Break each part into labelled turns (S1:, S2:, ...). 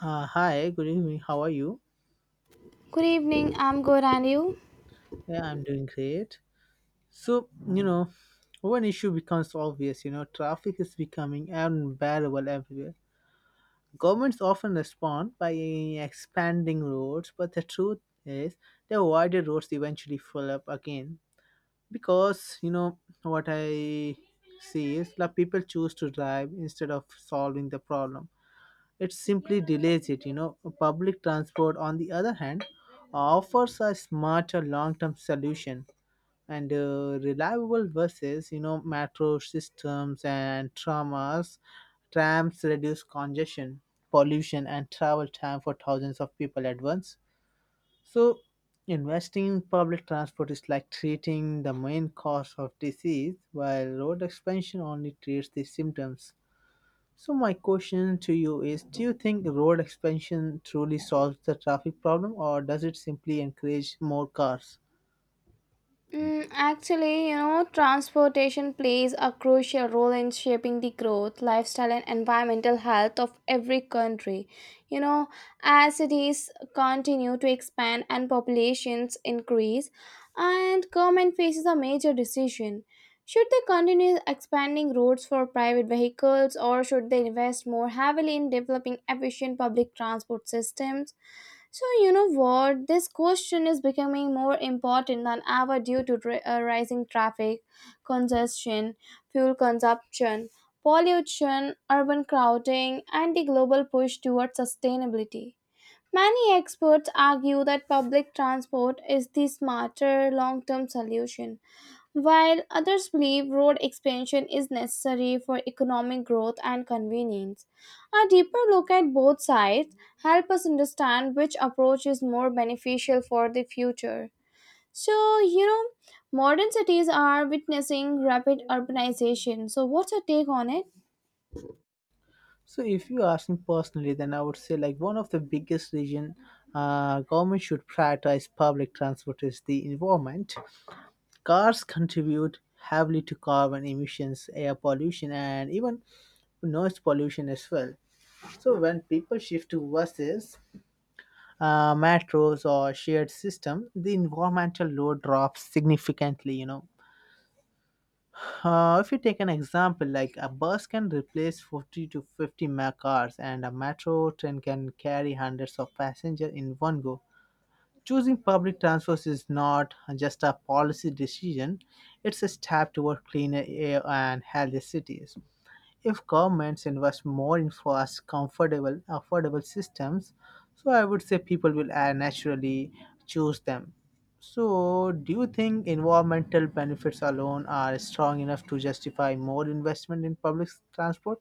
S1: Hi, good evening. How are you?
S2: Good evening, I'm good, and you?
S1: Yeah, I'm doing great. So, one issue becomes obvious, traffic is becoming unbearable everywhere. Governments often respond by expanding roads, but the truth is the wider roads eventually fill up again because, what I see is that people choose to drive instead of solving the problem. It simply delays it. Public transport, on the other hand, offers a smarter long-term solution and reliable buses, metro systems and trams reduce congestion, pollution, and travel time for thousands of people at once. So, investing in public transport is like treating the main cause of disease, while road expansion only treats the symptoms. So my question to you is, do you think road expansion truly solves the traffic problem, or does it simply encourage more cars?
S2: Actually, you know, transportation plays a crucial role in shaping the growth, lifestyle, and environmental health of every country. You know, as cities continue to expand and populations increase, and government faces a major decision. Should they continue expanding roads for private vehicles or should they invest more heavily in developing efficient public transport systems? So, you know what? This question is becoming more important than ever due to rising traffic, congestion, fuel consumption, pollution, urban crowding, and the global push towards sustainability. Many experts argue that public transport is the smarter long term solution while others believe road expansion is necessary for economic growth and convenience, a deeper look at both sides help us understand which approach is more beneficial for the future. So, you know, modern cities are witnessing rapid urbanization. So, what's your take on it?
S1: So if you ask me personally, then I would say like one of the biggest reason government should prioritize public transport is the environment. Cars contribute heavily to carbon emissions, air pollution, and even noise pollution as well. So when people shift to buses, metros or shared system, the environmental load drops significantly. If you take an example, like a bus can replace 40 to 50 cars, and a metro train can carry hundreds of passengers in one go. Choosing public transport is not just a policy decision; it's a step toward cleaner air and healthier cities if governments invest more in fast, comfortable, affordable systems, so I would say people will naturally choose them. So, do you think environmental benefits alone are strong enough to justify more investment in public transport?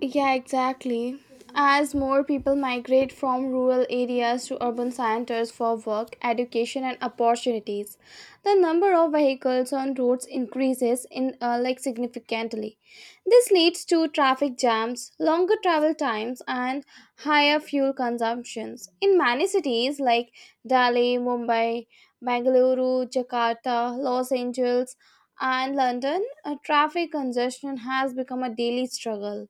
S2: Yeah, exactly. As more people migrate from rural areas to urban centers for work, education, and opportunities, the number of vehicles on roads increases in like significantly. This leads to traffic jams, longer travel times, and higher fuel consumptions. In many cities like Delhi, Mumbai, Bangalore, Jakarta, Los Angeles, and London, traffic congestion has become a daily struggle.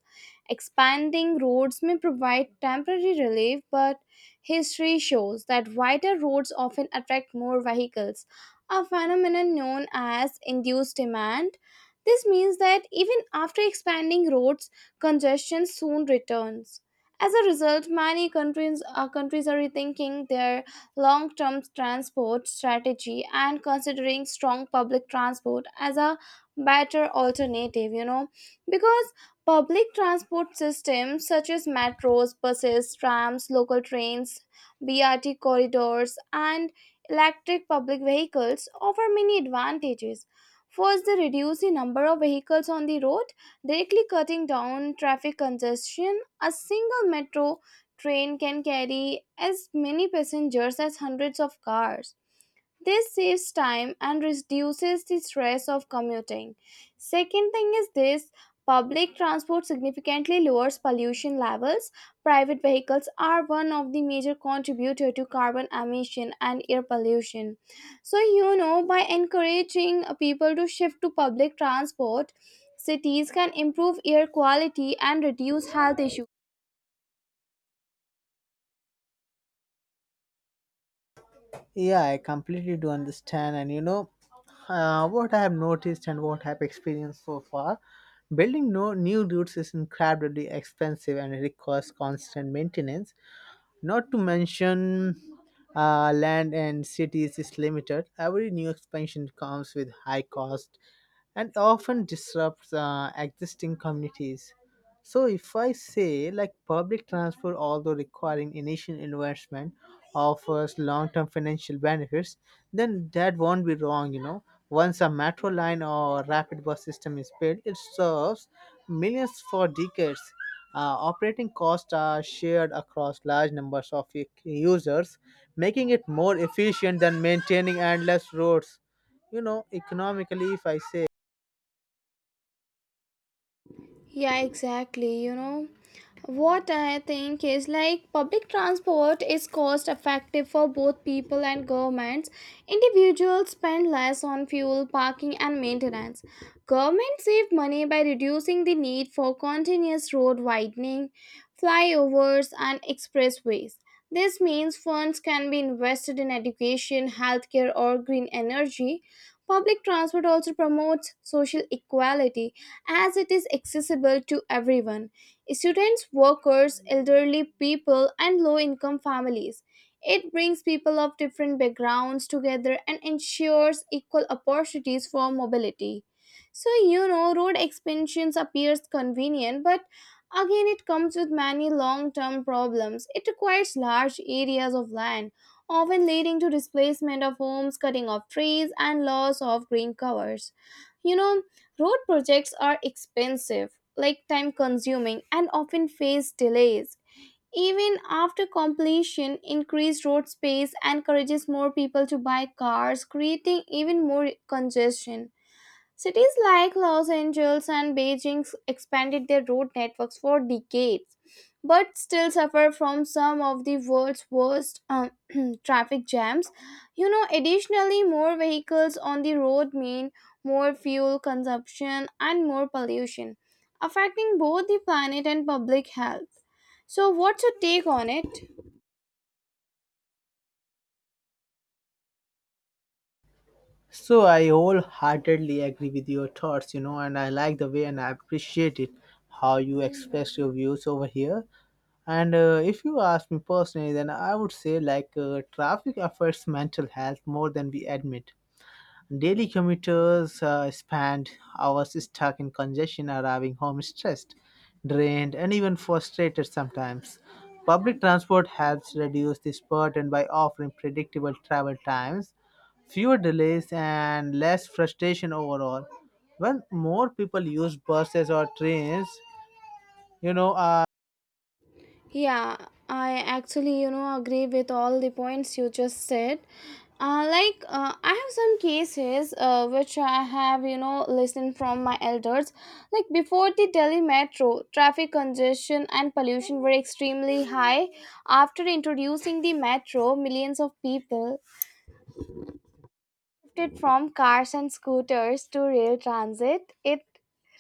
S2: Expanding roads may provide temporary relief, but history shows that wider roads often attract more vehicles, a phenomenon known as induced demand. This means that even after expanding roads, congestion soon returns. As a result, countries are rethinking their long term transport strategy and considering strong public transport as a better alternative, you know, because public transport systems such as metros, buses, trams, local trains, BRT corridors, and electric public vehicles offer many advantages. First, they reduce the number of vehicles on the road, directly cutting down traffic congestion. A single metro train can carry as many passengers as hundreds of cars. This saves time and reduces the stress of commuting. Second thing is this, public transport significantly lowers pollution levels. Private vehicles are one of the major contributor to carbon emission and air pollution. So you know, by encouraging people to shift to public transport, cities can improve air quality and reduce health issues.
S1: Yeah, I completely do understand. And what I have noticed and what I have experienced so far, building no new routes is incredibly expensive, and it requires constant maintenance. Not to mention, land and cities is limited. Every new expansion comes with high cost and often disrupts existing communities. So, if I say like public transport, although requiring initial investment, offers long term financial benefits, then that won't be wrong. Once a metro line or rapid bus system is built, it serves millions for decades. Operating costs are shared across large numbers of users, making it more efficient than maintaining endless roads. Economically, if I say
S2: Yeah, exactly, you know. What I think is like public transport is cost effective for both people and governments. Individuals spend less on fuel, parking, and maintenance. Governments save money by reducing the need for continuous road widening, flyovers, and expressways. This means funds can be invested in education, healthcare, or green energy. Public transport also promotes social equality as it is accessible to everyone: students, workers, elderly people, and low income families. It brings people of different backgrounds together and ensures equal opportunities for mobility. So, you know, road expansions appears convenient, but again, it comes with many long term problems. It requires large areas of land, often leading to displacement of homes, cutting off trees, and loss of green covers. You know, road projects are expensive, like time consuming, and often face delays. Even after completion, increased road space encourages more people to buy cars, creating even more congestion. Cities like Los Angeles and Beijing expanded their road networks for decades, but still suffer from some of the world's worst traffic jams. You know, additionally, more vehicles on the road mean more fuel consumption and more pollution, affecting both the planet and public health. So, what's your take on it?
S1: so I wholeheartedly agree with your thoughts, and I like the way, and I appreciate it how you express your views over here. And if you ask me personally, then I would say like traffic affects mental health more than we admit. Daily commuters spend hours stuck in congestion, arriving home stressed, drained, and even frustrated sometimes. Public transport helps reduce this burden by offering predictable travel times, fewer delays, and less frustration overall. When more people use buses or trains, you know, uh,
S2: Yeah, I actually, you know, agree with all the points you just said. I have some cases which I have, you know, listened from my elders. Like, before the Delhi metro, traffic congestion and pollution were extremely high. After introducing the metro, millions of people shifted from cars and scooters to rail transit. It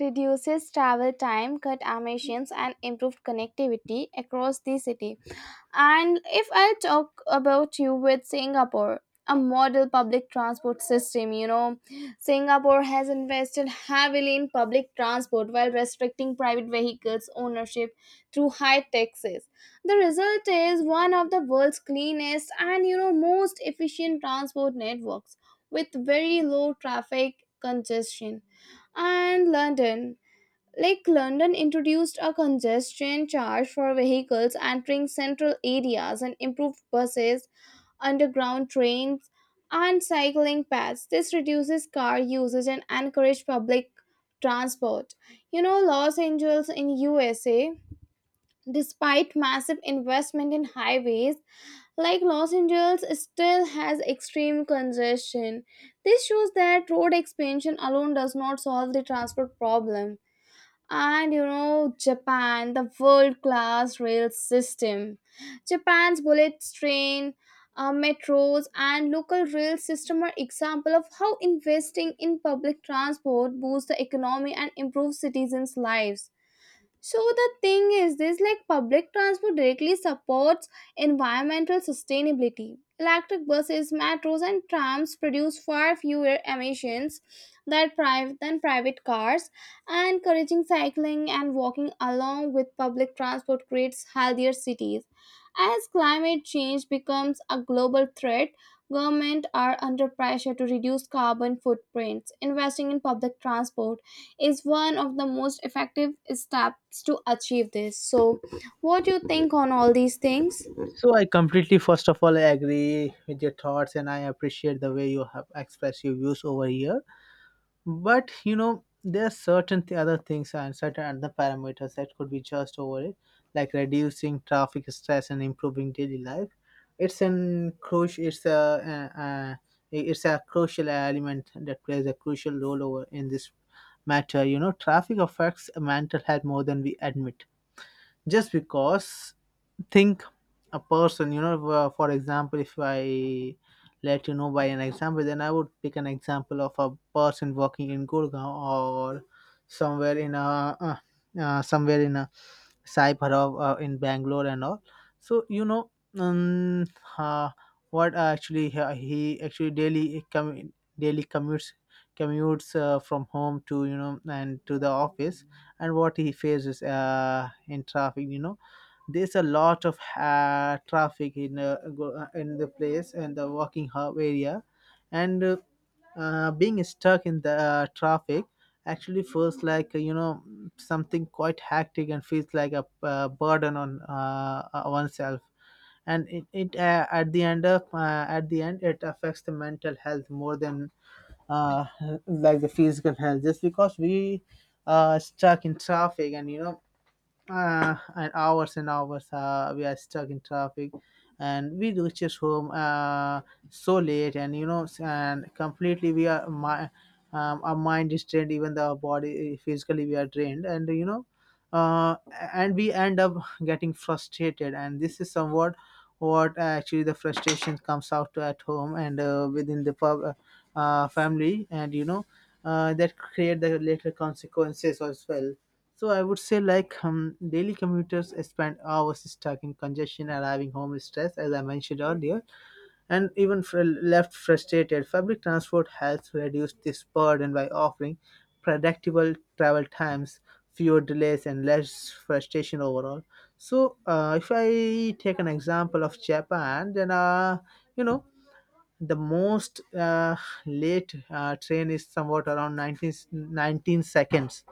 S2: reduces travel time, cut emissions, and improved connectivity across the city. And if I talk about you with Singapore, a model public transport system, you know, Singapore has invested heavily in public transport while restricting private vehicles' ownership through high taxes. The result is one of the world's cleanest and, you know, most efficient transport networks with very low traffic congestion. And London, like London introduced a congestion charge for vehicles entering central areas and improved buses, underground trains, and cycling paths. This reduces car usage and encourages public transport. You know, Los Angeles in USA, despite massive investment in highways, like Los Angeles still has extreme congestion. This shows that road expansion alone does not solve the transport problem. And you know, Japan, the world class rail system, Japan's bullet train, metros and local rail system are example of how investing in public transport boosts the economy and improves citizens lives. So the thing is this, like public transport directly supports environmental sustainability. Electric buses, metros and trams produce far fewer emissions than private cars, and encouraging cycling and walking along with public transport creates healthier cities. As climate change becomes a global threat, governments are under pressure to reduce carbon footprints, investing in public transport is one of the most effective steps to achieve this. So what do you think on all these things?
S1: so I completely, first of all, I agree with your thoughts, and I appreciate the way you have expressed your views over here. But there are certain other things and certain other parameters that could be just over it, like reducing traffic stress and improving daily life. it's an crucial it's a, uh uh it's a crucial element that plays a crucial role over in this matter. Traffic affects mental health more than we admit, just because, think, a person, for example, if I let you know by an example, then I would pick an example of a person working in Gurgaon, or somewhere in a somewhere in a cyber, or in Bangalore and all. So um, uh, what actually, he actually daily commutes from home to and to the office. And what he faces in traffic. There's a lot of traffic in in the place and the walking hub area. And being stuck in the traffic actually feels like something quite hectic, and feels like a burden on oneself. And it at the end it affects the mental health more than uh, like the physical health, just because we are stuck in traffic, and and hours we are stuck in traffic, and we reaches home so late, and and completely we are my our mind is drained, even the body physically we are drained, and uh, and we end up getting frustrated, and this is somewhat what actually the frustration comes out at home and within the family, and that create the later consequences as well. So I would say like daily commuters spend hours stuck in congestion, arriving home stressed, as I mentioned earlier, and even left frustrated. Public transport helps reduce this burden by offering predictable travel times, fewer delays, and less frustration overall. So if I take an example of Japan, then you know the most late train is somewhat around nineteen seconds,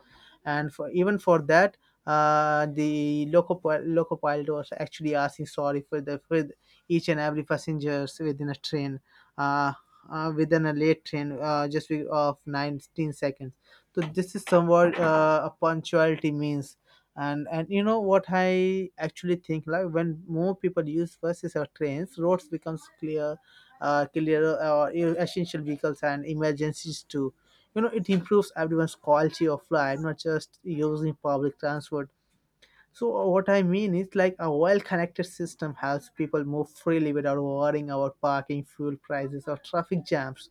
S1: and for even for that the loco pilot was actually asking sorry for the for each and every passengers within a train, uh, within a late train just of 19 seconds. So this is somewhat a punctuality means. And you know what, I actually think like when more people use buses or trains, roads becomes clear essential vehicles and emergencies too. It improves everyone's quality of life, not just using public transport. So what I mean is like a well-connected system helps people move freely without worrying about parking, fuel prices, or traffic jams.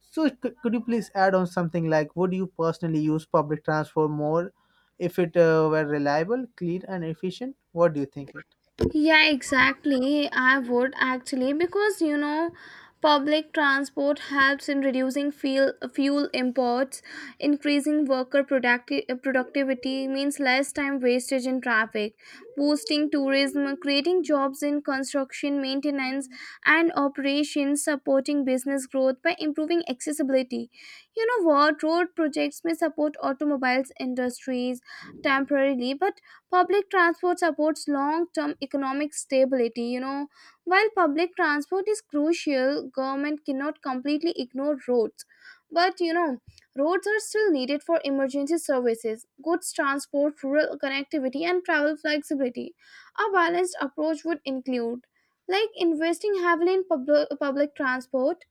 S1: So, could you please add on something like, would you personally use public transport more if it were reliable, clean, and efficient? What do you think?
S2: Yeah, exactly. I would actually, because you know public transport helps in reducing fuel imports, increasing worker productivity, means less time wastage in traffic, boosting tourism, creating jobs in construction, maintenance and operations, supporting business growth by improving accessibility. You know what, road projects may support automobiles industries temporarily, but public transport supports long term economic stability, you know. While public transport is crucial, government cannot completely ignore roads. But you know, roads are still needed for emergency services, goods transport, rural connectivity, and travel flexibility. A balanced approach would include like investing heavily in public transport,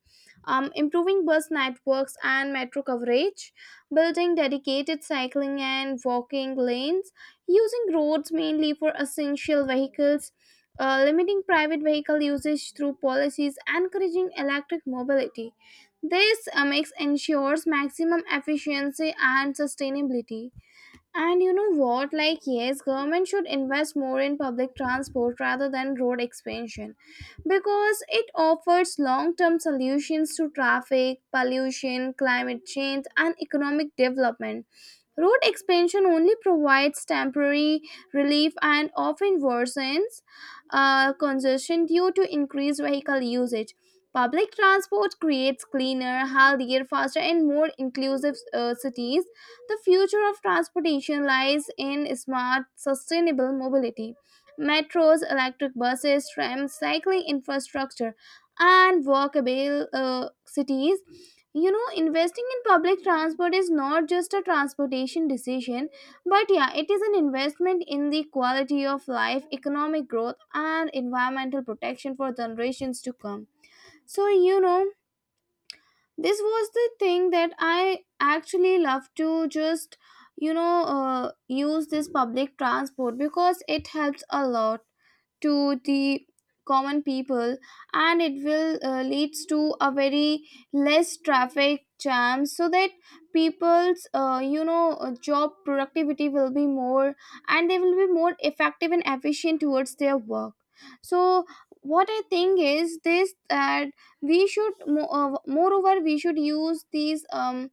S2: improving bus networks and metro coverage, building dedicated cycling and walking lanes, using roads mainly for essential vehicles, limiting private vehicle usage through policies encouraging electric mobility. This makes ensures maximum efficiency and sustainability. And you know what? Like, yes, government should invest more in public transport rather than road expansion because it offers long term solutions to traffic, pollution, climate change, and economic development. Road expansion only provides temporary relief and often worsens congestion due to increased vehicle usage. Public transport creates cleaner, healthier, faster, and more inclusive cities. The future of transportation lies in smart, sustainable mobility: metros, electric buses, trams, cycling infrastructure, and walkable cities. You know, investing in public transport is not just a transportation decision, but yeah, it is an investment in the quality of life, economic growth, and environmental protection for generations to come. So, you know, this was the thing that I actually love to just, you know, use this public transport because it helps a lot to the common people and it will leads to a very less traffic jam so that people's, you know, job productivity will be more and they will be more effective and efficient towards their work. So what I think is this, that we should moreover we should use these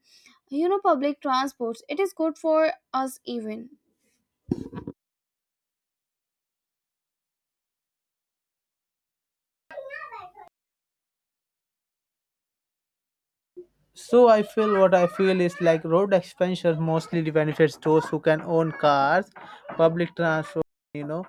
S2: you know public transports. It is good for us even.
S1: So I feel, what I feel is like road expansion mostly benefits those who can own cars, public transport. You know.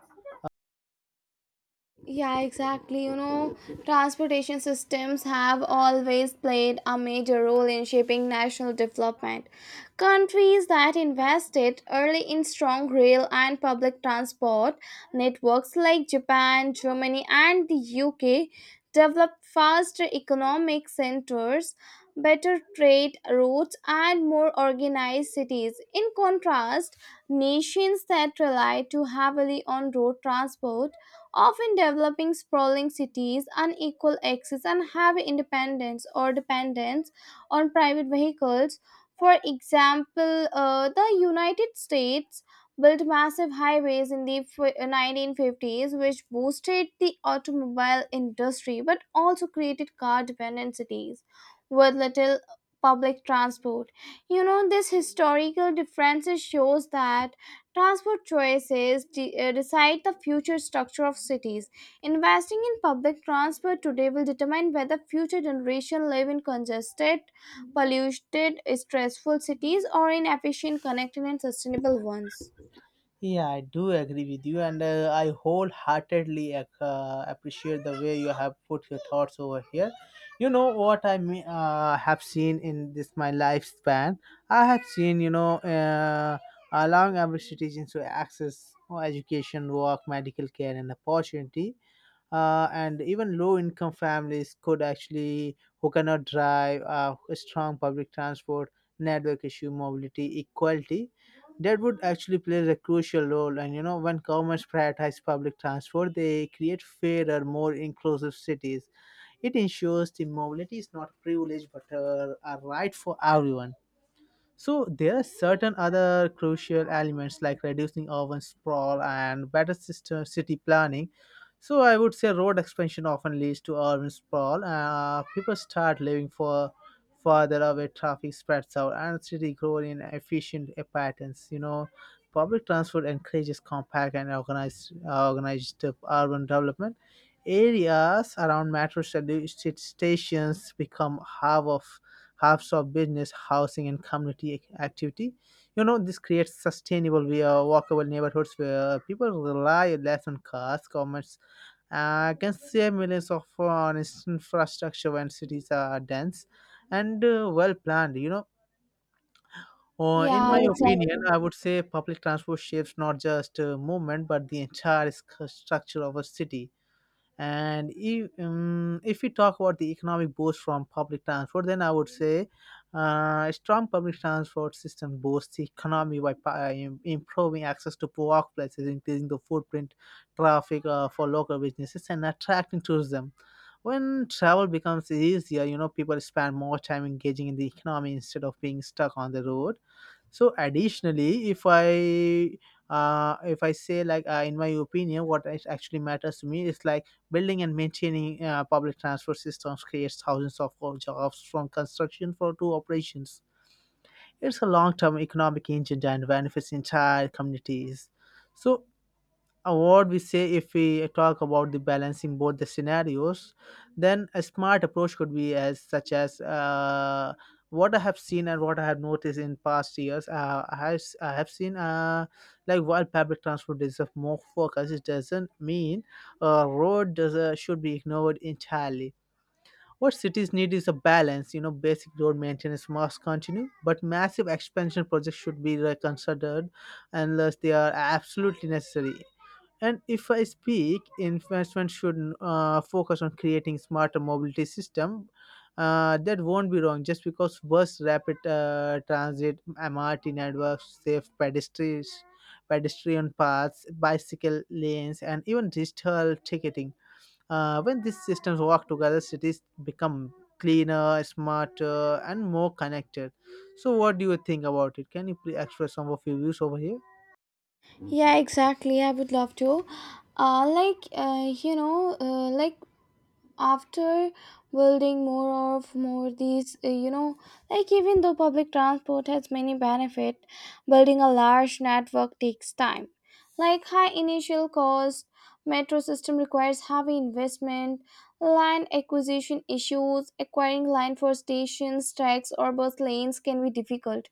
S2: Yeah, exactly. You know, transportation systems have always played a major role in shaping national development. Countries that invested early in strong rail and public transport networks like Japan, Germany, and the UK developed faster economic centers, better trade routes, and more organized cities. In contrast, nations that rely too heavily on road transport often developing sprawling cities, unequal access, and heavy independence or dependence on private vehicles. For example, the United States built massive highways in the 1950s, which boosted the automobile industry but also created car dependent cities with little public transport. You know, this historical differences shows that transport choices decide the future structure of cities. Investing in public transport today will determine whether future generations live in congested, polluted, stressful cities or in efficient, connected, and sustainable ones.
S1: Yeah, I do agree with you, and I wholeheartedly appreciate the way you have put your thoughts over here. You know what I mean, have seen in this my lifespan. I have seen, allowing average citizens to access education, work, medical care, and opportunity, and even low income families could actually who cannot drive a strong public transport network issue mobility equality, that would actually play a crucial role. And when governments prioritize public transport, they create fairer, more inclusive cities. It ensures the mobility is not privilege, but a right for everyone. So there are certain other crucial elements, like reducing urban sprawl and better system city planning. So I would say road expansion often leads to urban sprawl. People start living for farther away, traffic spreads out, and city grow in efficient patterns. Public transport encourages compact and organized urban development. Areas around metro stations become hub of halves of business, housing, and community activity. This creates sustainable, we walkable neighborhoods where people rely less on cars. Commerce can save millions of on its infrastructure when cities are dense and well planned. In
S2: Yeah,
S1: my opinion,
S2: exactly.
S1: I would say public transport shapes not just movement, but the entire structure of a city. And if we talk about the economic boost from public transport, then I would say a strong public transport system boosts the economy by improving access to workplaces, increasing the footprint traffic for local businesses, and attracting tourism. When travel becomes easier, people spend more time engaging in the economy instead of being stuck on the road. So additionally, if I say like in my opinion, what is actually matters to me is like building and maintaining public transport systems creates thousands of jobs, from construction for to operations. It's a long-term economic engine and benefits entire communities. So what we say, if we talk about the balancing both the scenarios, then a smart approach could be as such as what I have seen and what I have noticed in past years, I have seen like while public transport deserves more focus, it doesn't mean road should be ignored entirely. What cities need is a balance. Basic road maintenance must continue, but massive expansion projects should be reconsidered unless they are absolutely necessary. And if I speak, investment should focus on creating smarter mobility system. That won't be wrong, just because bus, rapid transit, MRT networks, safe pedestrian paths, bicycle lanes, and even digital ticketing. When these systems work together, cities become cleaner, smarter, and more connected. So, what do you think about it? Can you please express some of your views over here?
S2: Yeah, exactly. I would love to. You know, after building more these, you know, like even though public transport has many benefit, building a large network takes time, like high initial cost, metro system requires heavy investment, land acquisition issues, acquiring land for stations, tracks or bus lanes can be difficult.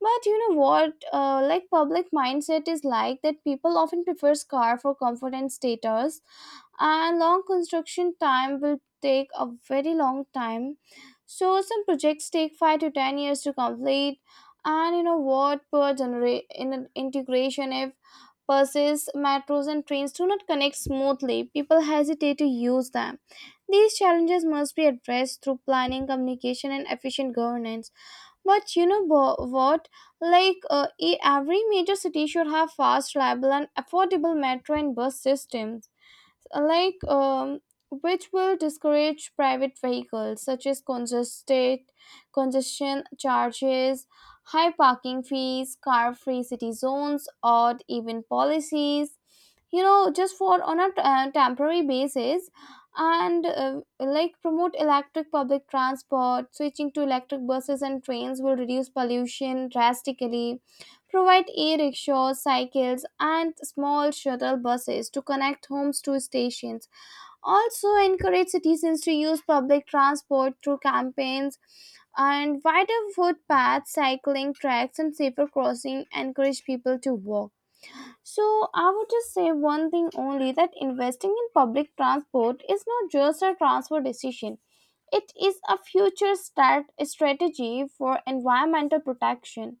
S2: But you know what, like public mindset is like that people often prefers car for comfort and status, and long construction time will take a very long time, so some projects take 5 to 10 years to complete. And you know what, per in integration, if buses, metros and trains do not connect smoothly, people hesitate to use them. These challenges must be addressed through planning, communication and efficient governance. But you know what, like every major city should have fast reliable and affordable metro and bus systems, like which will discourage private vehicles, such as congested congestion charges, high parking fees, car free city zones, odd even policies, you know, just for on a temporary basis. And like promote electric public transport. Switching to electric buses and trains will reduce pollution drastically. Provide e-rickshaws, cycles, and small shuttle buses to connect homes to stations. Also, encourage citizens to use public transport through campaigns, and wider footpaths, cycling tracks, and safer crossing. Encourage people to walk. So, I would just say one thing only: that investing in public transport is not just a transfer decision. It is a future start strategy for environmental protection,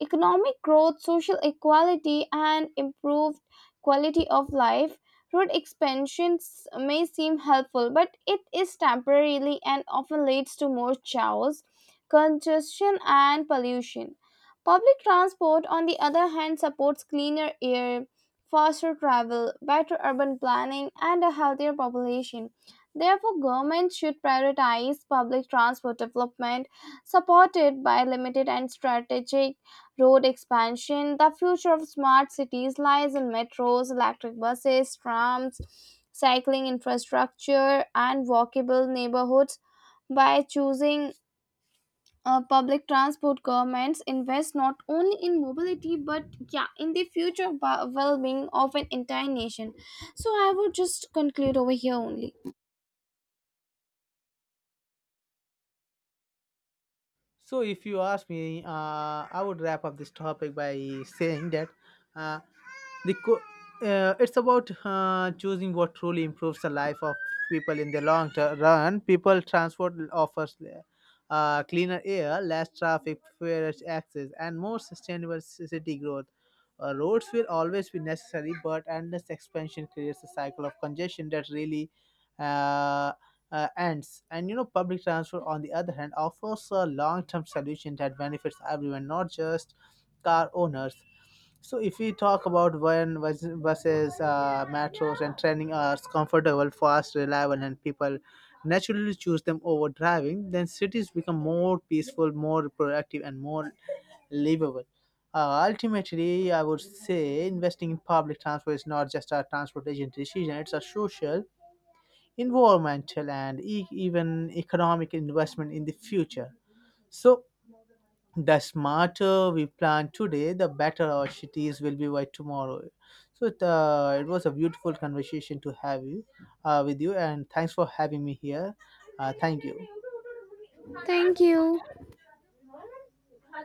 S2: economic growth, social equality, and improved quality of life. Road expansions may seem helpful, but it is temporarily and often leads to more chaos, congestion, and pollution. Public transport, on the other hand, supports cleaner air, faster travel, better urban planning, and a healthier population. Therefore, governments should prioritize public transport development supported by limited and strategic road expansion. The future of smart cities lies in metros, electric buses, trams, cycling infrastructure, and walkable neighborhoods. By choosing public transport, governments invest not only in mobility but yeah, in the future well-being of an entire nation. So I would just conclude over here only.
S1: So, if you ask me, I would wrap up this topic by saying that uh, the co- it's about choosing what truly improves the life of people in the long run. People transport offers cleaner air, less traffic, fairer access, and more sustainable city growth. Roads will always be necessary, but endless expansion creates a cycle of congestion that really uh, ends. And public transport, on the other hand, offers a long-term solution that benefits everyone, not just car owners. So if we talk about, when buses, metros, and training are comfortable, fast, reliable, and people naturally choose them over driving, then cities become more peaceful, more productive, and more livable. Ultimately, I would say investing in public transport is not just a transportation decision; it's a social, environmental, and even economic investment in the future. So, the smarter we plan today, the better our cities will be by tomorrow. So, it was a beautiful conversation to have you with you, and thanks for having me here. Thank you.
S2: Thank you.